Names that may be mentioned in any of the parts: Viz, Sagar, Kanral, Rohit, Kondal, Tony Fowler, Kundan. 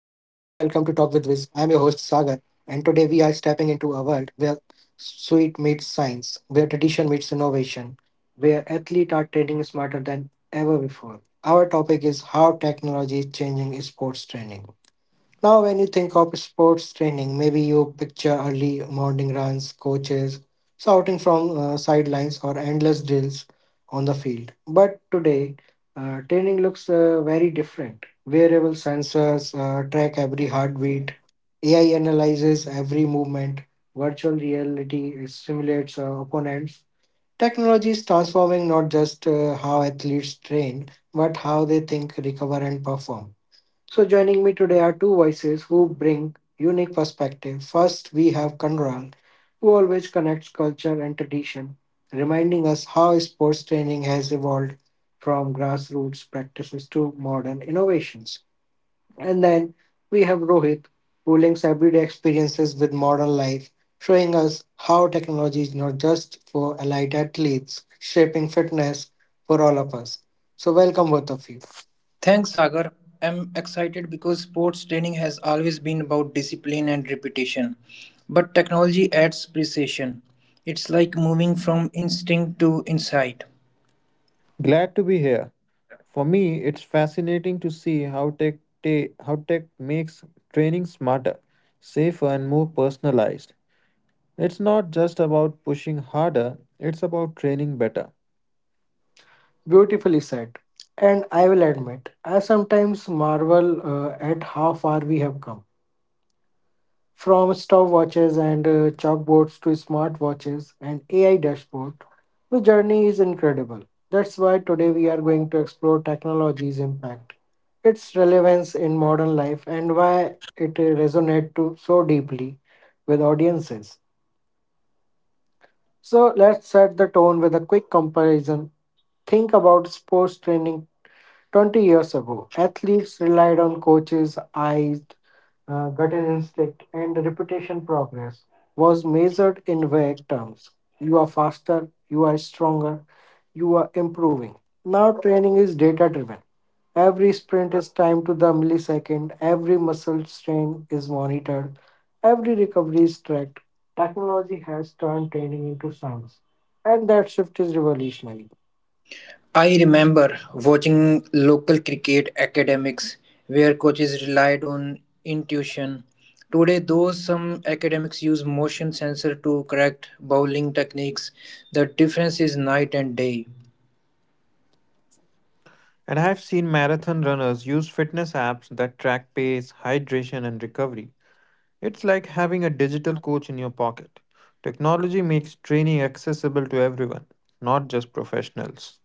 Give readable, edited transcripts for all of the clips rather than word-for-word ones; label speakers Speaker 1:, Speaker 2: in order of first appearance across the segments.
Speaker 1: And today we are stepping into a world where sweet meets science, where tradition meets innovation, where athletes are training smarter than ever before. Our topic is how technology is changing sports training. Now, when you think of sports training, maybe you picture early morning runs, coaches shouting from sidelines, or endless drills on the field. But today, training looks very different. Wearable sensors track every heartbeat, AI analyzes every movement, virtual reality simulates opponents. Technology is transforming not just how athletes train, but how they think, recover, and perform. So, joining me today are two voices who bring unique perspective. First, we have Kanral, who always connects culture and tradition, reminding us how sports training has evolved from grassroots practices to modern innovations. And then we have Rohit, who links everyday experiences with modern life, showing us how technology is not just for elite athletes, shaping fitness for all of us. So, welcome both of you.
Speaker 2: Thanks, Sagar. I'm excited because sports training has always been about discipline and repetition. But technology adds precision. It's like moving from instinct to insight.
Speaker 3: Glad to be here. For me, it's fascinating to see how how tech makes training smarter, safer, and more personalized. It's not just about pushing harder, it's about training better.
Speaker 1: Beautifully said. And I will admit, I sometimes marvel at how far we have come. From stopwatches and chalkboards to smartwatches and AI dashboard, the journey is incredible. That's why today we are going to explore technology's impact, its relevance in modern life, and why it resonates to so deeply with audiences. So let's set the tone with a quick comparison. Think about sports training 20 years ago. Athletes relied on coaches' eyes, gut instinct, and reputation progress was measured in vague terms. You are faster, you are stronger, you are improving. Now, training is data driven. Every sprint is timed to the millisecond, every muscle strain is monitored, every recovery is tracked. Technology has turned training into science, and that shift is revolutionary.
Speaker 2: I remember watching local cricket academics where coaches relied on intuition. Today, though some academics use motion sensor to correct bowling techniques, the difference is night and day.
Speaker 3: And I've seen marathon runners use fitness apps that track pace, hydration, and recovery. It's like having a digital coach in your pocket. Technology makes training accessible to everyone, not just professionals.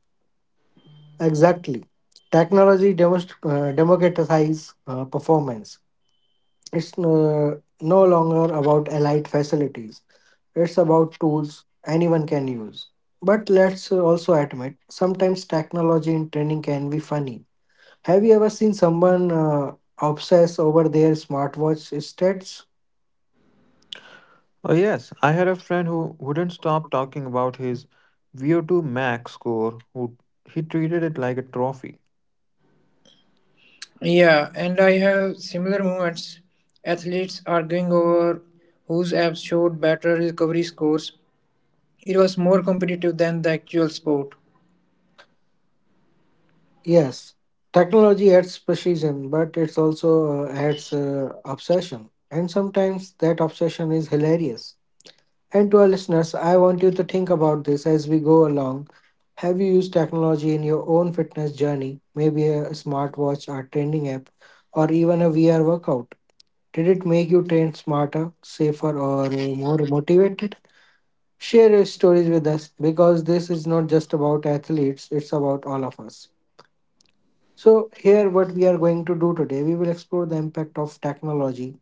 Speaker 1: Exactly. Democratizes performance. It's no longer about elite facilities, it's about tools anyone can use. But let's also admit, sometimes technology in training can be funny. Have you ever seen someone obsess over their smartwatch stats?
Speaker 3: Oh, yes. I had a friend who wouldn't stop talking about his VO2 max score, who He treated it like a trophy.
Speaker 2: Yeah, and I have similar moments. Athletes arguing over whose apps showed better recovery scores. It was more competitive than the actual sport.
Speaker 1: Yes, technology adds precision, but it's also adds obsession. And sometimes that obsession is hilarious. And to our listeners, I want you to think about this as we go along. Have you used technology in your own fitness journey? Maybe a smartwatch or training app, or even a VR workout. Did it make you train smarter, safer, or more motivated? Share your stories with us because this is not just about athletes, it's about all of us. So, here, what we are going to do today, we will explore the impact of technology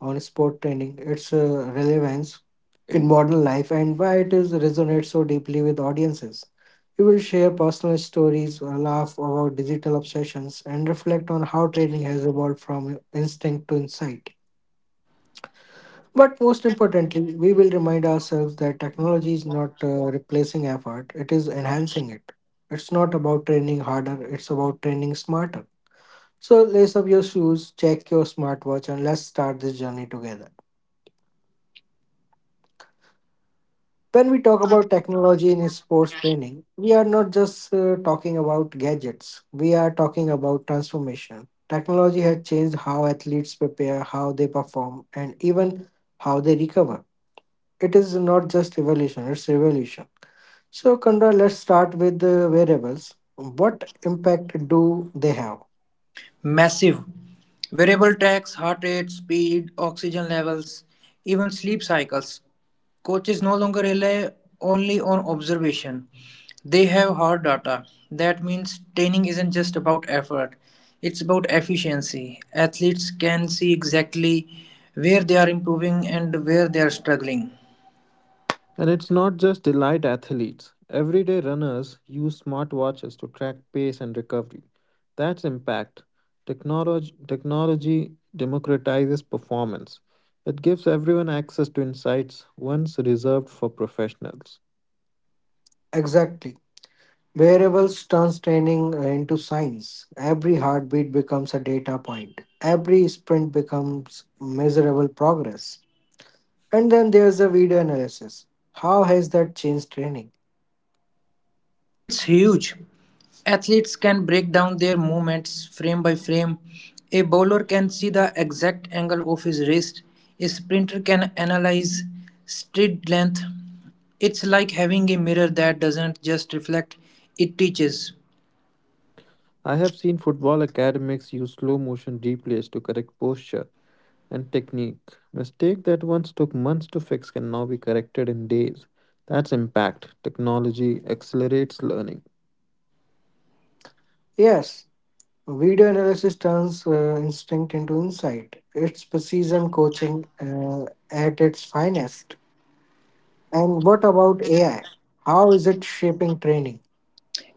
Speaker 1: on sport training, its relevance in modern life, and why it is resonates so deeply with audiences. We will share personal stories, laugh about digital obsessions, and reflect on how training has evolved from instinct to insight. But most importantly, we will remind ourselves that technology is not replacing effort, it is enhancing it. It's not about training harder, it's about training smarter. So lace up your shoes, check your smartwatch, and let's start this journey together. When we talk about technology in sports training, we are not just talking about gadgets, we are talking about transformation. Technology has changed how athletes prepare, how they perform, and even how they recover. It is not just evolution, it's revolution. So, Kandra, let's start with the variables. What impact do they have?
Speaker 2: Massive. Variable tracks, heart rate, speed, oxygen levels, even sleep cycles. Coaches no longer rely only on observation. They have hard data. That means training isn't just about effort, it's about efficiency. Athletes can see exactly where they are improving and where they are struggling.
Speaker 3: And it's not just elite athletes. Everyday runners use smartwatches to track pace and recovery. That's impact. Technology democratizes performance. It gives everyone access to insights once reserved for professionals.
Speaker 1: Exactly. Variables turns training into science. Every heartbeat becomes a data point. Every sprint becomes measurable progress. And then there's the video analysis. How has that changed training?
Speaker 2: It's huge. Athletes can break down their movements frame by frame. A bowler can see the exact angle of his wrist. A sprinter can analyze stride length. It's like having a mirror that doesn't just reflect, it teaches.
Speaker 3: I have seen football academics use slow motion replays to correct posture and technique. Mistake that once took months to fix can now be corrected in days. That's impact. Technology accelerates learning.
Speaker 1: Yes, video analysis turns instinct into insight. It's precision coaching at its finest. And what about AI? How is it shaping training?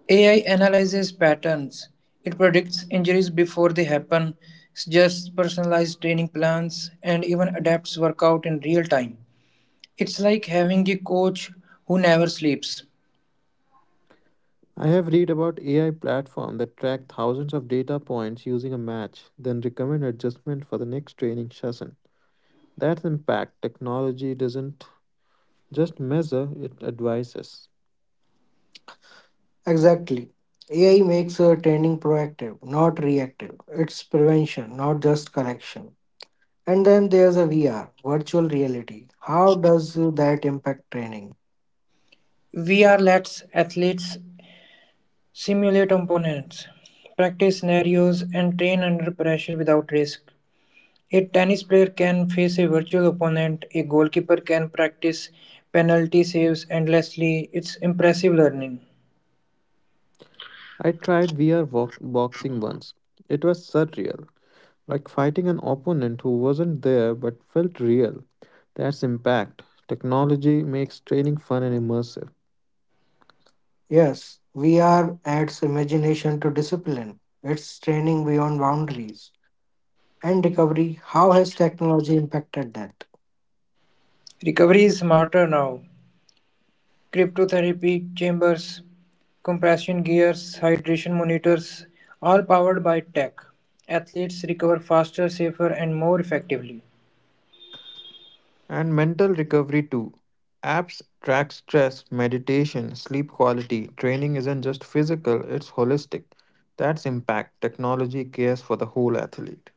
Speaker 2: AI analyzes patterns. It predicts injuries before they happen, suggests personalized training plans, and even adapts workout in real time. It's like having a coach who never sleeps.
Speaker 3: I have read about AI platform that track thousands of data points using a match, then recommend adjustment for the next training session. That's impact. Technology doesn't just measure, it advises.
Speaker 1: Exactly. AI makes training proactive, not reactive. It's prevention, not just correction. And then there's a VR, virtual reality. How does that impact training?
Speaker 2: We are let athletes Simulate opponents, practice scenarios, and train under pressure without risk. A tennis player can face a virtual opponent, a goalkeeper can practice penalty saves endlessly. It's impressive learning.
Speaker 3: I tried boxing once. It was surreal, like fighting an opponent who wasn't there but felt real. That's impact. Technology makes training fun and immersive.
Speaker 1: Yes, VR adds imagination to discipline. It's training beyond boundaries. And recovery, how has technology impacted that?
Speaker 2: Recovery is smarter now. Cryotherapy chambers, compression gears, hydration monitors, all powered by tech. Athletes recover faster, safer, and more effectively.
Speaker 3: And mental recovery too. Apps track stress, meditation, sleep quality. Training isn't just physical, it's holistic. That's impact. Technology cares for the whole athlete.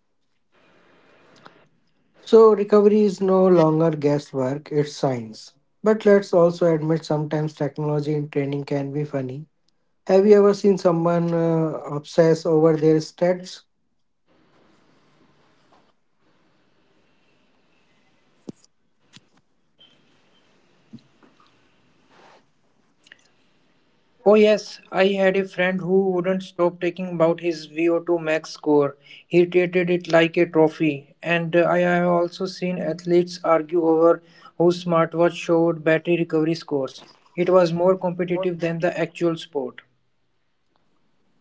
Speaker 1: So, recovery is no longer guesswork, it's science. But let's also admit, sometimes technology in training can be funny. Have you ever seen someone obsess over their stats?
Speaker 2: Oh yes, I had a friend who wouldn't stop talking about his VO2 max score. He treated it like a trophy. And I have also seen athletes argue over whose smartwatch showed battery recovery scores. It was more competitive than the actual sport.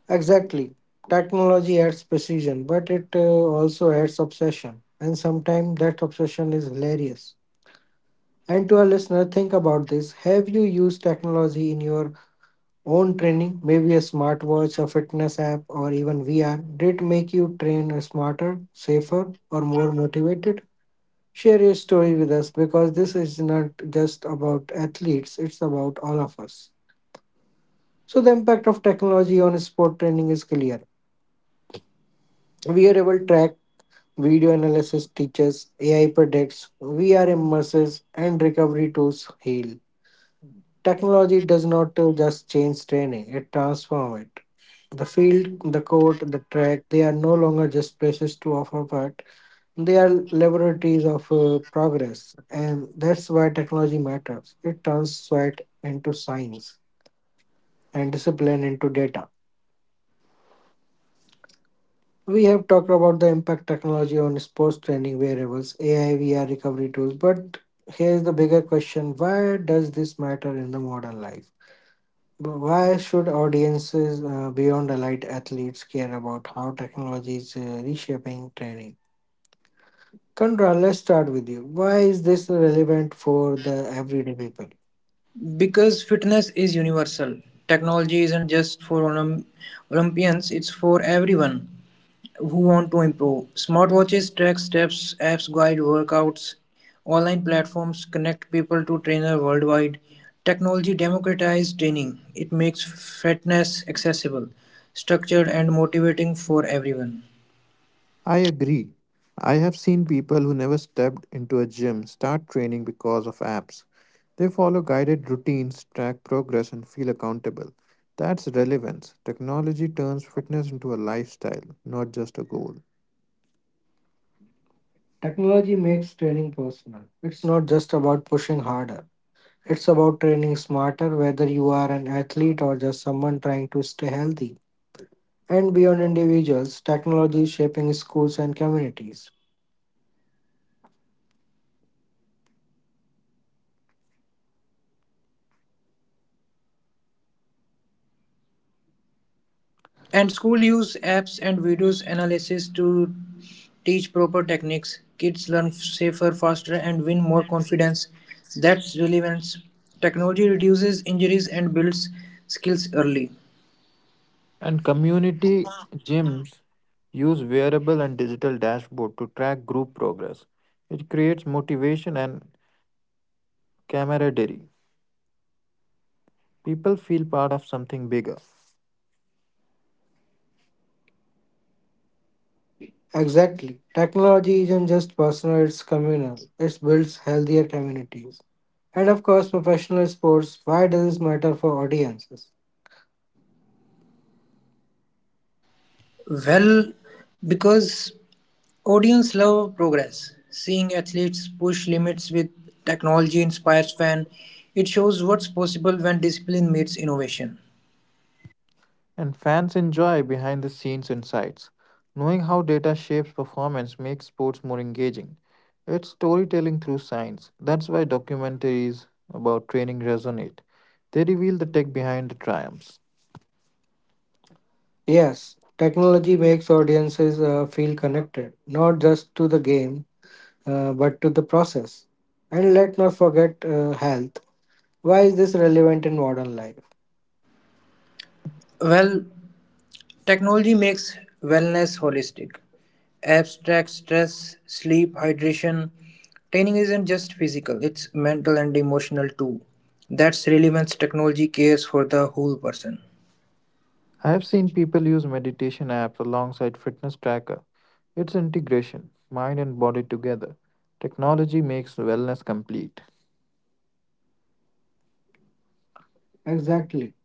Speaker 1: Exactly. Technology adds precision, but it also adds obsession. And sometimes that obsession is hilarious. And to our listener, think about this. Have you used technology in your own training? Maybe a smartwatch, a fitness app, or even VR? Did it make you train smarter, safer, or more motivated? Share your story with us because this is not just about athletes, it's about all of us. So the impact of technology on sport training is clear. Wearable track, video analysis teaches, AI predicts, VR immerses, and recovery tools heal. Technology does not just change training, it transforms it. The field, the court, the track, they are no longer just places to offer, but they are laboratories of progress. And that's why technology matters. It turns sweat into science and discipline into data. We have talked about the impact technology on sports training wearables, AI, VR recovery tools, but here's the bigger question: why does this matter in the modern life? Why should audiences beyond elite athletes care about how technology is reshaping training? Kandra, let's start with you. Why is this relevant for the everyday people?
Speaker 2: Because fitness is universal. Technology isn't just for Olympians, it's for everyone who want to improve. Smartwatches track steps, apps guide workouts, online platforms connect people to trainers worldwide. Technology democratizes training. It makes fitness accessible, structured and motivating for everyone.
Speaker 3: I agree. I have seen people who never stepped into a gym start training because of apps. They follow guided routines, track progress, and feel accountable. That's relevance. Technology turns fitness into a lifestyle, not just a goal.
Speaker 1: Technology makes training personal. It's not just about pushing harder. It's about training smarter, whether you are an athlete or just someone trying to stay healthy. And beyond individuals, technology is shaping schools and communities.
Speaker 2: And school use apps and videos analysis to teach proper techniques. Kids learn safer, faster, and win more confidence. That's relevance. Technology reduces injuries and builds skills early.
Speaker 3: And community gyms use wearable and digital dashboard to track group progress. It creates motivation and camaraderie. People feel part of something bigger.
Speaker 1: Exactly. Technology isn't just personal, it's communal. It builds healthier communities. And of course, professional sports, why does this matter for audiences?
Speaker 2: Well, because audience love progress. Seeing athletes push limits with technology inspires fan. It shows what's possible when discipline meets innovation.
Speaker 3: And fans enjoy behind the scenes insights. Knowing how data shapes performance makes sports more engaging. It's storytelling through science. That's why documentaries about training resonate. They reveal the tech behind the triumphs.
Speaker 1: Yes, technology makes audiences feel connected, not just to the game, but to the process. And let not forget health. Why is this relevant in modern life?
Speaker 2: Well, technology makes wellness holistic, abstract stress, sleep, hydration. Training isn't just physical, it's mental and emotional too. That's relevance technology cares for the whole person.
Speaker 3: I have seen people use meditation apps alongside fitness tracker. It's integration, mind and body together. Technology makes wellness complete.
Speaker 1: Exactly.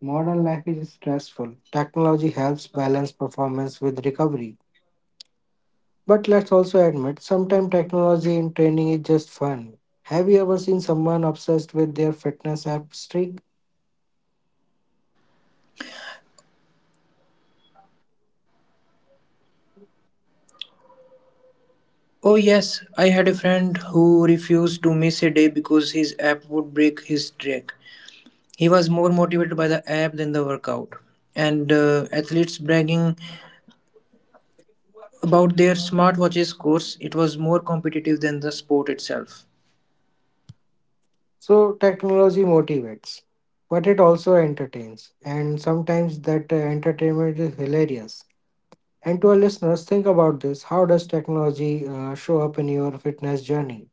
Speaker 1: Modern life is stressful. Technology helps balance performance with recovery. But let's also admit, sometimes technology in training is just fun. Have you ever seen someone obsessed with their fitness app streak?
Speaker 2: Oh, yes, I had a friend who refused to miss a day because his app would break his streak. He was more motivated by the app than the workout. And athletes bragging about their smartwatches course, it was more competitive than the sport itself.
Speaker 1: So, technology motivates, but it also entertains. And sometimes that entertainment is hilarious. And to our listeners, think about this: how does technology show up in your fitness journey?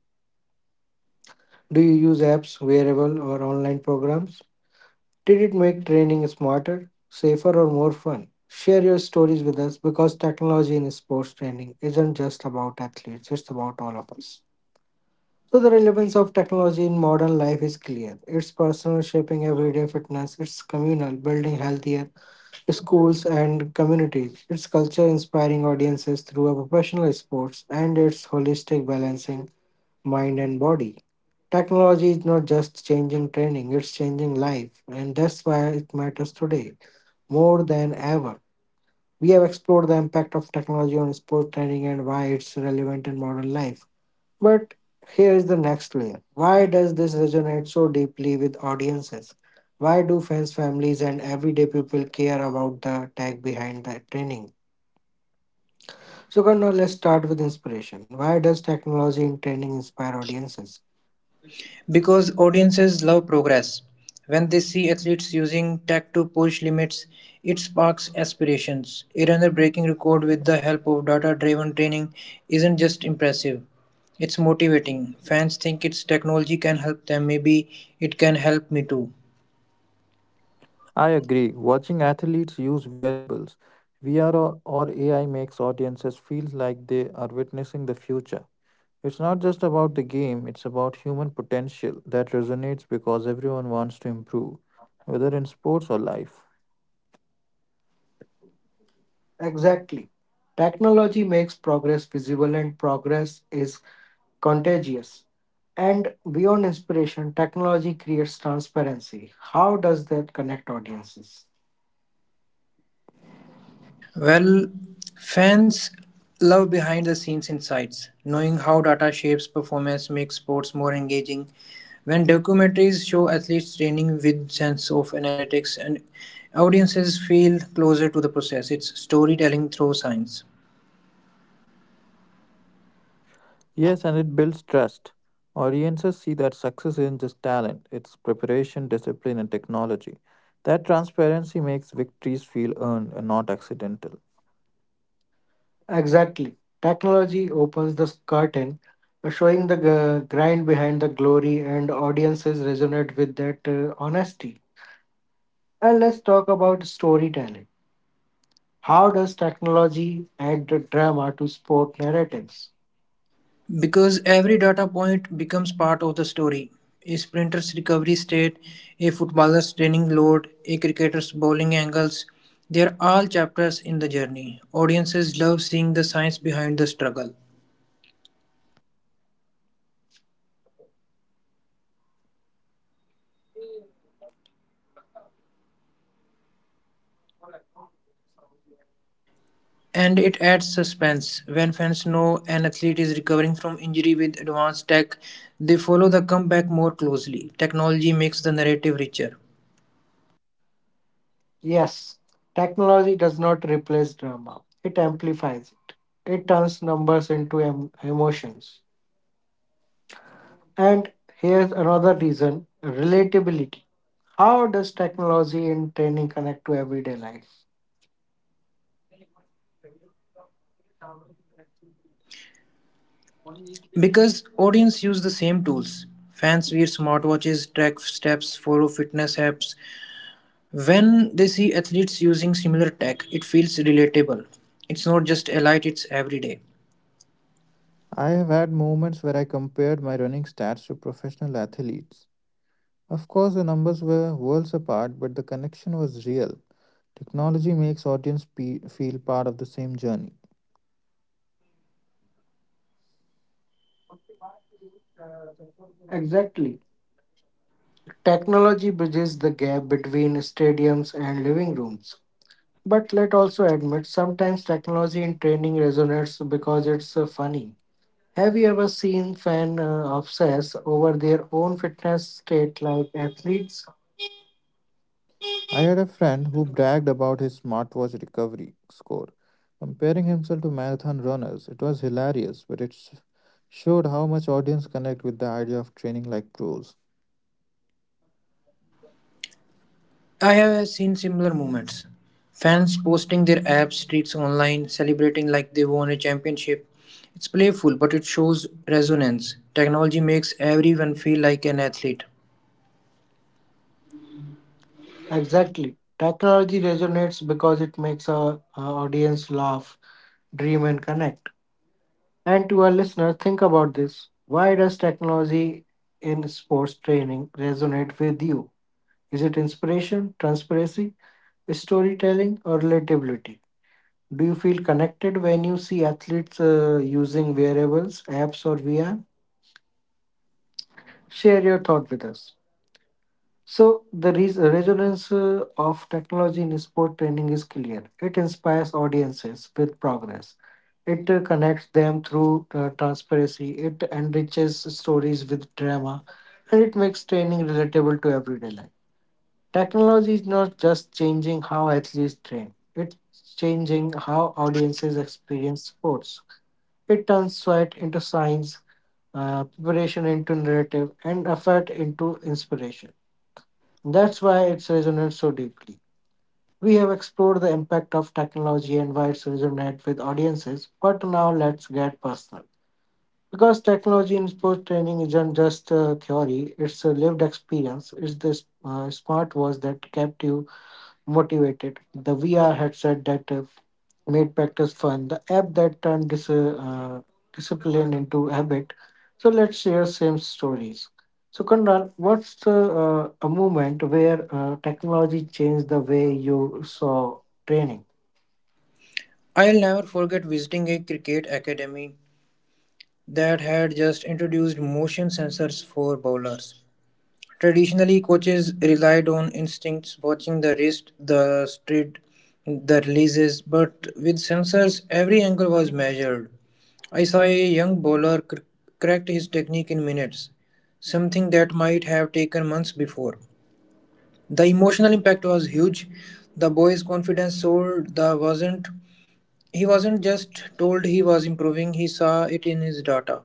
Speaker 1: Do you use apps, wearable, or online programs? Did it make training smarter, safer, or more fun? Share your stories with us because technology in sports training isn't just about athletes, it's about all of us. So, the relevance of technology in modern life is clear. It's personal shaping everyday fitness, it's communal, building healthier schools and communities, it's culture inspiring audiences through a professional sports, and it's holistic balancing mind and body. Technology is not just changing training, it's changing life, and that's why it matters today more than ever. We have explored the impact of technology on sports training and why it's relevant in modern life. But here is the next layer. Why does this resonate so deeply with audiences? Why do fans, families, and everyday people care about the tech behind the training? So, Karna, let's start with inspiration. Why does technology in training inspire audiences?
Speaker 2: Because audiences love progress. When they see athletes using tech to push limits, it sparks aspirations. A runner breaking record with the help of data driven training isn't just impressive, it's motivating. Fans think it's technology can help them, maybe it can help me too.
Speaker 3: I agree. Watching athletes use wearables, VR or AI makes audiences feel like they are witnessing the future. It's not just about the game, it's about human potential that resonates because everyone wants to improve, whether in sports or life.
Speaker 1: Exactly. Technology makes progress visible, and progress is contagious. And beyond inspiration, technology creates transparency. How does that connect audiences?
Speaker 2: Well, fans love behind the scenes insights, knowing how data shapes performance makes sports more engaging. When documentaries show athletes training with sense of analytics and audiences feel closer to the process, it's storytelling through science.
Speaker 3: Yes, and it builds trust. Audiences see that success isn't just talent, it's preparation, discipline, and technology. That transparency makes victories feel earned and not accidental.
Speaker 1: Exactly. Technology opens the curtain, showing the grind behind the glory, and audiences resonate with that honesty. And let's talk about storytelling. How does technology add the drama to sport narratives?
Speaker 2: Because every data point becomes part of the story. A sprinter's recovery state, a footballer's training load, a cricketer's bowling angles, they are all chapters in the journey. Audiences love seeing the science behind the struggle. And it adds suspense. When fans know an athlete is recovering from injury with advanced tech, they follow the comeback more closely. Technology makes the narrative richer.
Speaker 1: Yes, technology does not replace drama, it amplifies it. It turns numbers into emotions. And here's another reason relatability. How does technology and training connect to everyday life?
Speaker 2: Because audience use the same tools. Fans wear smartwatches, track steps, follow fitness apps, when they see athletes using similar tech, it feels relatable. It's not just elite, it's everyday.
Speaker 3: I have had moments where I compared my running stats to professional athletes. Of course, the numbers were worlds apart, but the connection was real. Technology makes feel part of the same journey.
Speaker 1: Exactly. Technology bridges the gap between stadiums and living rooms. But let also admit sometimes technology in training resonates because it's funny. Have you ever seen fan obsess over their own fitness state like athletes?
Speaker 3: I had a friend who bragged about his smartwatch recovery score, comparing himself to marathon runners. It was hilarious, but showed how much audience connect with the idea of training like pros.
Speaker 2: I have seen similar moments: fans posting their app streaks online, celebrating like they won a championship. It's playful, but it shows resonance. Technology makes everyone feel like an athlete.
Speaker 1: Exactly. Technology resonates because it makes our audience laugh dream, and connect. And to our listeners, think about this. Why does technology in sports training resonate with you? Is it inspiration, transparency, storytelling, or relatability? Do you feel connected when you see athletes using wearables, apps, or VR? Share your thought with us. So, the resonance of technology in sport training is clear. It inspires audiences with progress. It connects them through transparency. It enriches stories with drama. And it makes training relatable to everyday life. Technology is not just changing how athletes train, it's changing how audiences experience sports. It turns sweat into science, preparation into narrative, and effort into inspiration. That's why it's resonated so deeply. We have explored the impact of technology and why it's resonate with audiences, but now let's get personal. Because technology in sports training isn't just a theory, it's a lived experience. It's the smartwatch that kept you motivated, the VR headset that made practice fun, the app that turned discipline into habit. So let's share same stories. So Kundan, what's a moment where technology changed the way you saw training?
Speaker 2: I'll never forget visiting a cricket academy that had just introduced motion sensors for bowlers. Traditionally, coaches relied on instincts, watching the wrist, the stride, the releases, but with sensors, every angle was measured. I saw a young bowler cracked his technique in minutes, something that might have taken months before. The emotional impact was huge. The boy's confidence soared. The wasn't He wasn't just told he was improving, he saw it in his data.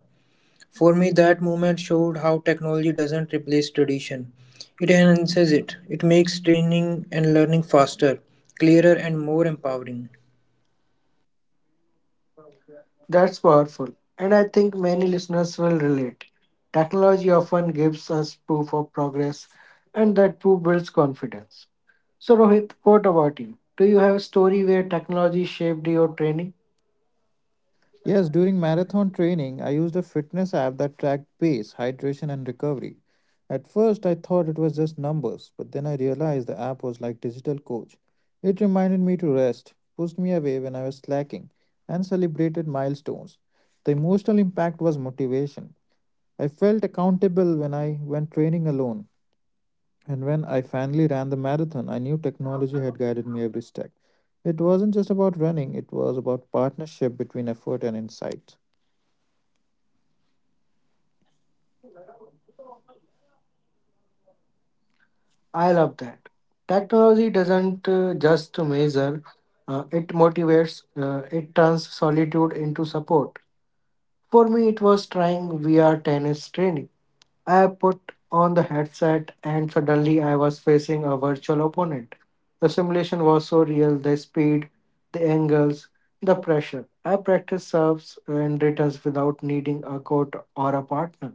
Speaker 2: For me, that movement showed how technology doesn't replace tradition. It enhances it. It makes training and learning faster, clearer, and more empowering.
Speaker 1: That's powerful, and I think many listeners will relate. Technology often gives us proof of progress, and that proof builds confidence. So Rohit, what about you? Do you have a story where technology shaped your training?
Speaker 3: Yes, during marathon training, I used a fitness app that tracked pace, hydration, and recovery. At first, I thought it was just numbers, but then I realized the app was like digital coach. It reminded me to rest, pushed me away when I was slacking, and celebrated milestones. The emotional impact was motivation. I felt accountable when I went training alone, and when I finally ran the marathon, I knew technology had guided me every step. It wasn't just about running, it was about partnership between effort and insight.
Speaker 1: I love that. Technology doesn't just measure, it motivates, it turns solitude into support. For me, it was trying VR tennis training. I put on the headset and suddenly I was facing a virtual opponent. The simulation was so real, the speed, the angles, the pressure. I practiced serves and returns without needing a coach or a partner.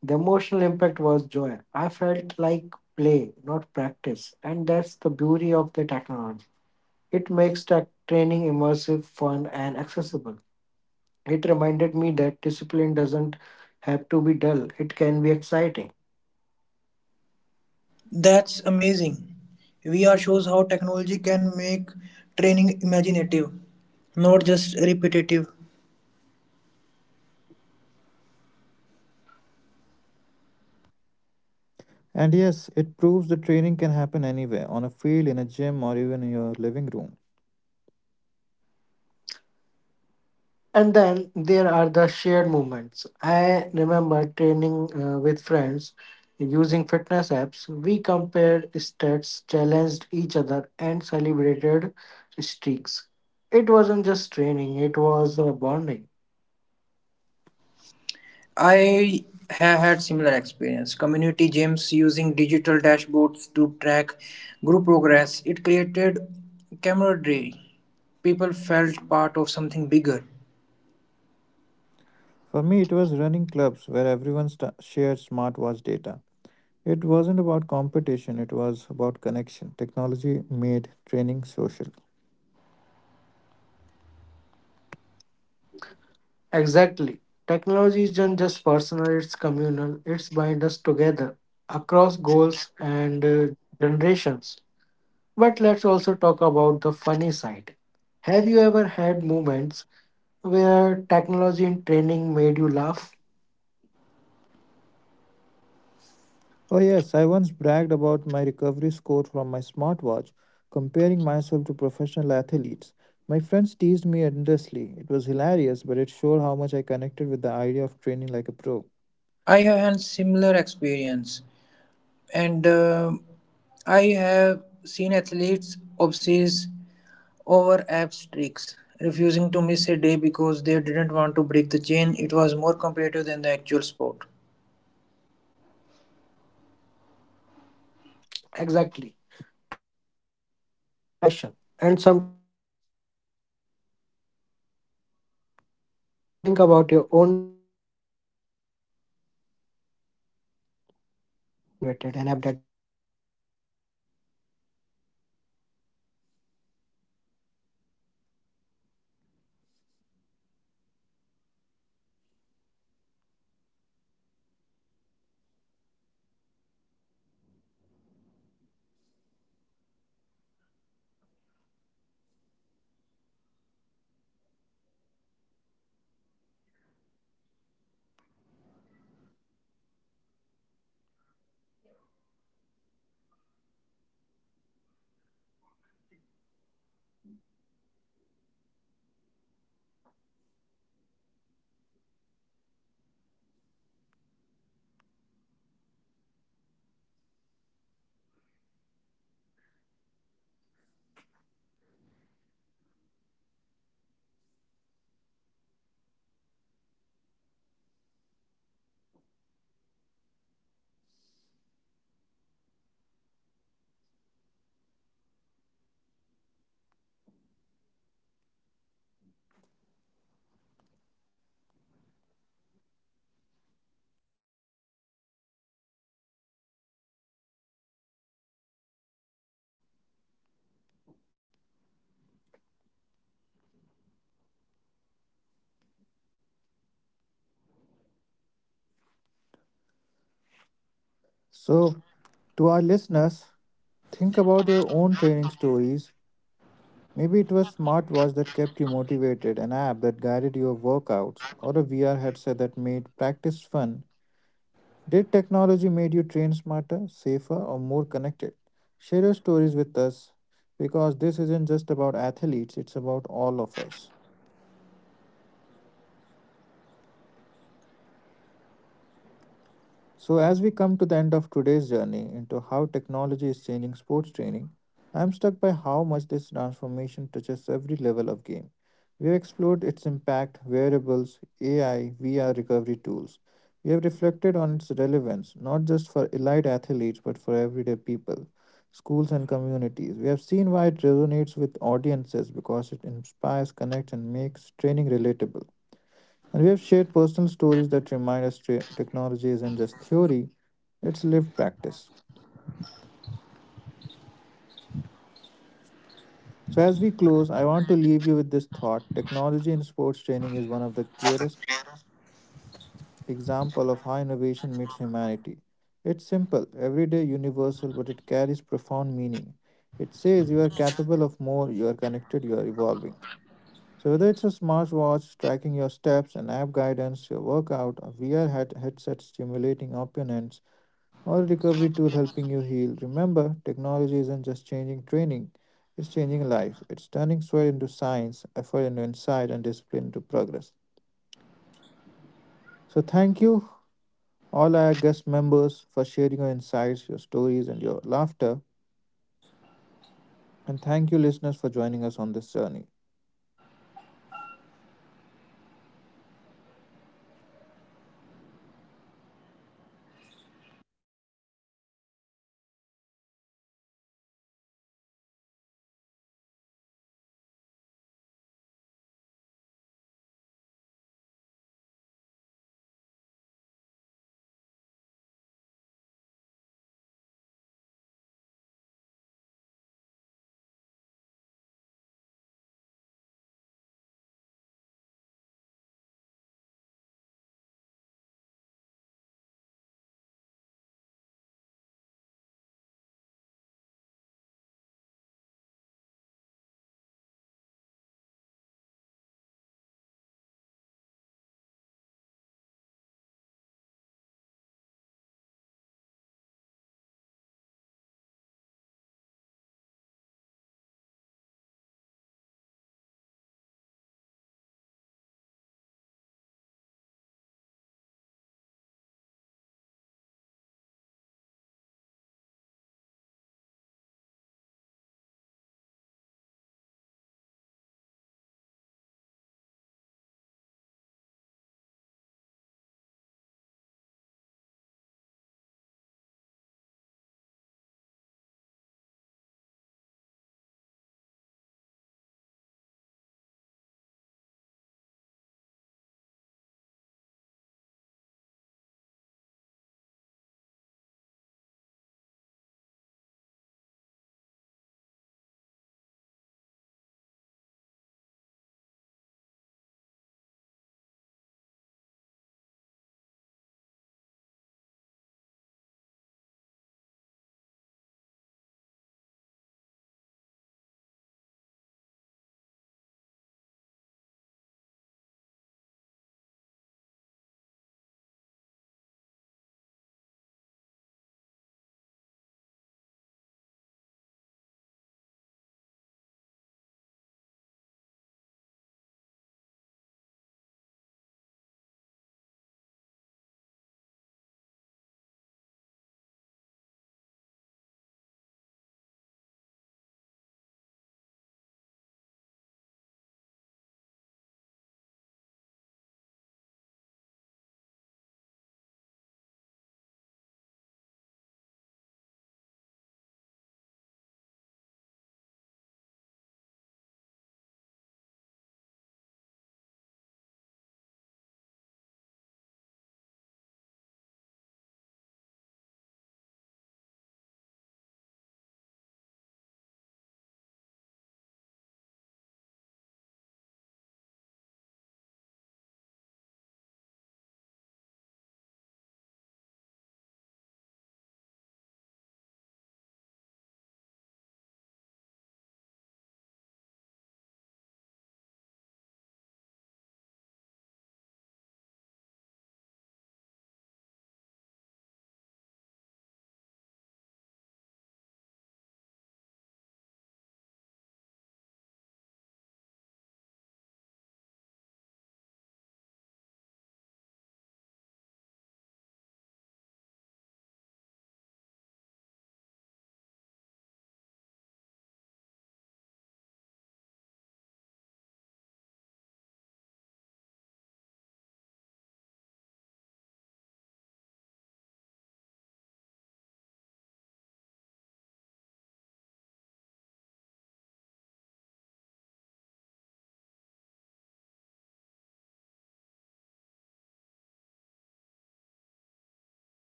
Speaker 1: The emotional impact was joy. I felt like play, not practice. And that's the beauty of the technology. It makes tech training immersive, fun, and accessible. It reminded me that discipline doesn't have to be dull, it can be exciting.
Speaker 2: That's amazing. VR shows how technology can make training imaginative, not just repetitive.
Speaker 3: And yes, it proves the training can happen anywhere on a field, in a gym, or even in your living room.
Speaker 1: And then there are the shared moments. I remember training with friends using fitness apps. We compared stats, challenged each other, and celebrated streaks. It wasn't just training, it was bonding.
Speaker 2: I have had similar experience. Community gyms using digital dashboards to track group progress. It created camaraderie. People felt part of something bigger.
Speaker 3: For me, it was running clubs where everyone sta shared smartwatch data. It wasn't about competition, it was about connection. Technology made training social.
Speaker 1: Exactly. Technology isn't just personal, it's communal. It's binds us together across goals and generations. But let's also talk about the funny side. Have you ever had moments where technology in training made you laugh?
Speaker 3: Oh, yes, I once bragged about my recovery score from my smartwatch, comparing myself to professional athletes. My friends teased me endlessly. It was hilarious, but it showed how much I connected with the idea of training like a pro.
Speaker 2: I have had similar experience, and I have seen athletes obsess over apps streaks, refusing to miss a day because they didn't want to break the chain. It was more competitive than the actual sport.
Speaker 1: Exactly. Technology adds precision, but it also adds obsession. And sometimes that obsession is hilarious. And to our listeners, think about your own training stories. Maybe it was a smartwatch that kept you motivated, an app that guided your workouts, or a VR headset that made practice fun. Did technology make you train smarter, safer, or more connected? Share a story with us. So, personal stories remind us that technology in sport training is lived experience. It's confidence in a cricket academy, motivation in marathon training, joy in VR practice, and connection in community. It's a laughter in obsession and bonding shared progress. Technology doesn't just change training, it changes lives. That's why these stories matter. They show us that sports training isn't just about effort, it's about evolution, guided by insight and enriched by imagination. As we come to end of today's journey into how technology is changing sports training, I am struck by how much this transformation touches every level of the game. We have explored its impact, wearables, AI, VR, recovery tools. We have reflected on its relevance, not just for elite athletes, but for everyday people, schools, and communities. We have seen why it resonate with audience because it inspire, connects, and make training relatable. And we have shared personal story that remind us technology and just theory. It is lived experiences. Before we wrap up, I would love to hear one final
Speaker 3: So,
Speaker 1: reflection from each
Speaker 3: to
Speaker 1: of
Speaker 3: our
Speaker 1: you.
Speaker 3: listeners,
Speaker 1: What's the one thing
Speaker 3: think
Speaker 1: you
Speaker 3: about
Speaker 1: want
Speaker 3: your
Speaker 1: listener
Speaker 3: own
Speaker 1: to
Speaker 3: training
Speaker 1: carry with them
Speaker 3: stories.
Speaker 1: after this conversation?
Speaker 3: Maybe it was smartwatch that kept you motivated, an app that guided your workouts, or a VR headset that made
Speaker 1: So,
Speaker 3: practice
Speaker 1: what would you
Speaker 3: fun.
Speaker 1: say, Kanral, about it?
Speaker 3: Did technology made you train smarter, safer, or more connected? Share your stories with us because this isn't just about athletes, it's about all of us. So, as we come to the end of today's journey into how technology is changing sports training, I am struck by how much
Speaker 1: I
Speaker 3: this
Speaker 1: think there is
Speaker 3: transformation
Speaker 1: some kind
Speaker 3: touches
Speaker 1: of
Speaker 3: every
Speaker 1: network
Speaker 3: level of
Speaker 1: issue.
Speaker 3: game. We have explored
Speaker 1: So,
Speaker 3: its
Speaker 1: balance and
Speaker 3: impact, variables,
Speaker 1: accessibility, two pillars
Speaker 3: AI,
Speaker 1: of
Speaker 3: VR
Speaker 1: modern
Speaker 3: recovery
Speaker 1: training,
Speaker 3: tools.
Speaker 1: and I think
Speaker 3: We have
Speaker 1: both of you
Speaker 3: reflected on
Speaker 1: captured
Speaker 3: its
Speaker 1: it
Speaker 3: relevance,
Speaker 1: perfectly.
Speaker 3: not just for
Speaker 1: Technology
Speaker 3: elite
Speaker 1: isn't
Speaker 3: athletes,
Speaker 1: replacing
Speaker 3: but for
Speaker 1: effort,
Speaker 3: everyday
Speaker 1: it's
Speaker 3: people,
Speaker 1: enhancing
Speaker 3: schools, and
Speaker 1: it.
Speaker 3: communities. We have seen why
Speaker 1: And
Speaker 3: it
Speaker 1: let's not
Speaker 3: resonates with
Speaker 1: forget, it's also
Speaker 3: audiences
Speaker 1: fun.
Speaker 3: because it
Speaker 1: Technology makes
Speaker 3: inspires,
Speaker 1: us laugh at
Speaker 3: connects, and makes
Speaker 1: ourselves, whether
Speaker 3: training
Speaker 1: it's
Speaker 3: relatable.
Speaker 1: obsessing
Speaker 3: And we have shared
Speaker 1: over
Speaker 3: personal
Speaker 1: app
Speaker 3: stories that
Speaker 1: streaks,
Speaker 3: remind
Speaker 1: bragging
Speaker 3: technology
Speaker 1: about
Speaker 3: isn't just
Speaker 1: recovery
Speaker 3: theory,
Speaker 1: scores, or
Speaker 3: it's
Speaker 1: competing
Speaker 3: lived
Speaker 1: over
Speaker 3: practice.
Speaker 1: smartwatch stats. Tech adds humor of training, and sometimes that laughter
Speaker 3: So,
Speaker 1: is the
Speaker 3: as we
Speaker 1: best
Speaker 3: close, I want to
Speaker 1: motivation of
Speaker 3: leave you
Speaker 1: all.
Speaker 3: with this thought
Speaker 1: To our
Speaker 3: technology in sports
Speaker 1: listeners,
Speaker 3: training is
Speaker 1: here's
Speaker 3: one
Speaker 1: my
Speaker 3: of the
Speaker 1: challenge for
Speaker 3: clearest
Speaker 1: you tonight, or the
Speaker 3: example of
Speaker 1: next
Speaker 3: how
Speaker 1: time
Speaker 3: innovation
Speaker 1: you
Speaker 3: meets
Speaker 1: train, pause.
Speaker 3: humanity. It's simple, everyday, universal,
Speaker 1: Don't
Speaker 3: but it
Speaker 1: just
Speaker 3: carries
Speaker 1: exercise,
Speaker 3: profound
Speaker 1: reflect.
Speaker 3: meaning.
Speaker 1: Ask
Speaker 3: It
Speaker 1: yourself, how is
Speaker 3: says you are
Speaker 1: technology
Speaker 3: capable of
Speaker 1: shaping my
Speaker 3: more, you are
Speaker 1: journey?
Speaker 3: connected,
Speaker 1: Is
Speaker 3: you
Speaker 1: it
Speaker 3: are evolving.
Speaker 1: motivating me,
Speaker 3: So, whether
Speaker 1: guiding
Speaker 3: it's a
Speaker 1: me, or
Speaker 3: smartwatch
Speaker 1: connecting
Speaker 3: tracking
Speaker 1: me?
Speaker 3: your steps, an app guidance, your workout, a VR
Speaker 1: So,
Speaker 3: head-
Speaker 1: thank you,
Speaker 3: headset
Speaker 1: Kondal and Rohit,
Speaker 3: stimulating
Speaker 1: for sharing
Speaker 3: opponents,
Speaker 1: your insights,
Speaker 3: or a
Speaker 1: your
Speaker 3: recovery tool
Speaker 1: stories,
Speaker 3: helping you heal.
Speaker 1: and your
Speaker 3: Remember,
Speaker 1: laughter.
Speaker 3: technology isn't just
Speaker 1: And thank
Speaker 3: changing
Speaker 1: you, listener,
Speaker 3: training,
Speaker 1: for joining
Speaker 3: it's
Speaker 1: us on
Speaker 3: changing
Speaker 1: this
Speaker 3: life.
Speaker 1: journey.
Speaker 3: It's turning
Speaker 1: This
Speaker 3: sweat
Speaker 1: has
Speaker 3: into
Speaker 1: been Talk
Speaker 3: science,
Speaker 1: with Viz.
Speaker 3: effort
Speaker 1: I
Speaker 3: into
Speaker 1: am
Speaker 3: insight,
Speaker 1: Sagar,
Speaker 3: and discipline
Speaker 1: reminding
Speaker 3: into
Speaker 1: you that
Speaker 3: progress.
Speaker 1: the next time you train, you are not
Speaker 3: So,
Speaker 1: just
Speaker 3: thank you,
Speaker 1: exercising, you are
Speaker 3: all
Speaker 1: evolving
Speaker 3: our
Speaker 1: with
Speaker 3: guest
Speaker 1: technology.
Speaker 3: members, for
Speaker 1: Until
Speaker 3: sharing
Speaker 1: next
Speaker 3: your
Speaker 1: time,
Speaker 3: insights, your
Speaker 1: keep
Speaker 3: stories, and
Speaker 1: moving,
Speaker 3: your
Speaker 1: keep
Speaker 3: laughter.
Speaker 1: learning, and keep training smarter.
Speaker 3: And thank you, listeners, for joining us on this journey.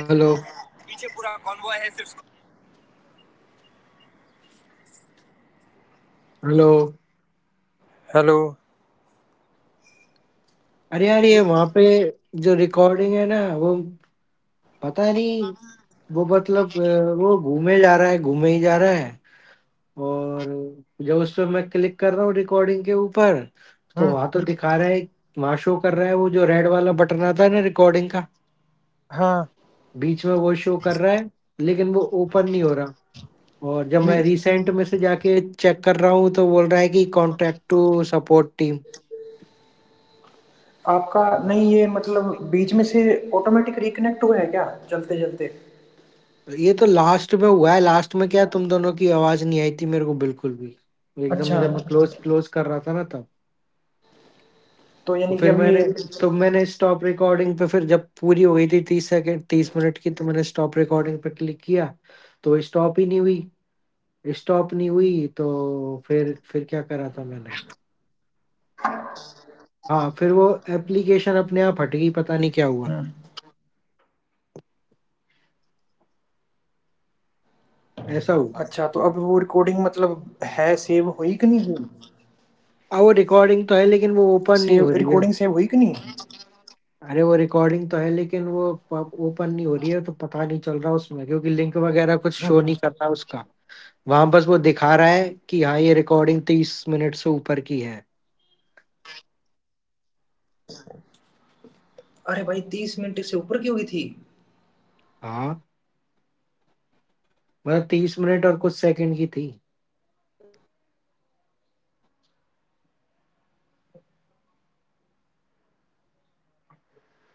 Speaker 1: Hello, hello.
Speaker 2: Hello.
Speaker 1: अरे यार, ये वहाँ पे जो recording है ना, वो पता नहीं, वो मतलब वो घूमे जा रहा है, घूमे ही जा रहा है। और जब उस पे मैं क्लिक कर रहा हूँ रिकॉर्डिंग के ऊपर, तो
Speaker 2: हुँ।
Speaker 1: वहाँ तो दिखा रहा है, वहाँ शो कर रहा है वो जो रेड वाला बटन आता है ना रिकॉर्डिंग का, बीच में वो शो कर रहा है, लेकिन वो ओपन नहीं हो रहा। और जब मैं
Speaker 2: नहीं,
Speaker 1: रिसेंट में से जाके चेक कर रहा हूँ तो बोल रहा है कि कॉन्टेक्ट टू सपोर्ट टीम।
Speaker 2: आपका नहीं ये मतलब बीच में से ऑटोमेटिक रिकनेक्ट हुआ है क्या चलते-चलते?
Speaker 1: ये तो लास्ट में हुआ है, लास्ट में क्या है, तुम दोनों की आवाज़ नहीं आई थी मेरे को बिल्कुल भी। एकदम
Speaker 2: अच्छा।
Speaker 1: मैं जब मैं क्लोज़ कर रहा था ना तब,
Speaker 2: तो
Speaker 1: तो
Speaker 2: यानी कि
Speaker 1: फिर
Speaker 2: अब ये
Speaker 1: मैंने, तो मैंने स्टॉप रिकॉर्डिंग पे, फिर जब पूरी हो गई थी 30 सेकंड 30 मिनट की, तो मैंने स्टॉप रिकॉर्डिंग पे क्लिक किया, तो स्टॉप ही नहीं हुई। स्टॉप नहीं हुई तो फिर क्या करा था मैंने? हाँ, फिर वो एप्लीकेशन अपने आप हट गई, पता नहीं क्या हुआ,
Speaker 2: अच्छा तो अब वो रिकॉर्डिंग मतलब
Speaker 1: ऐसा
Speaker 2: है
Speaker 1: हुआ।
Speaker 2: सेव हुई कि नहीं हुई? सेव
Speaker 1: अब वो
Speaker 2: रिकॉर्डिंग सेव हुई
Speaker 1: रिकॉर्डिंग तो
Speaker 2: कि
Speaker 1: है
Speaker 2: नहीं?
Speaker 1: लेकिन वो ओपन नहीं हो रही है। अरे वो रिकॉर्डिंग तो है लेकिन वो पब ओपन नहीं हो रही है, तो पता नहीं चल रहा उसमें क्योंकि लिंक वगैरह कुछ शो नहीं कर रहा उसका। वहां बस वो दिखा रहा है कि हाँ ये रिकॉर्डिंग तीस मिनट से ऊपर की है।
Speaker 2: अरे भाई 30 मिनट इससे ऊपर की हुई थी।
Speaker 1: हाँ,
Speaker 2: हेलो,
Speaker 1: मतलब तीस मिनट और कुछ सेकंड की थी।
Speaker 2: क्या कह रहे हो?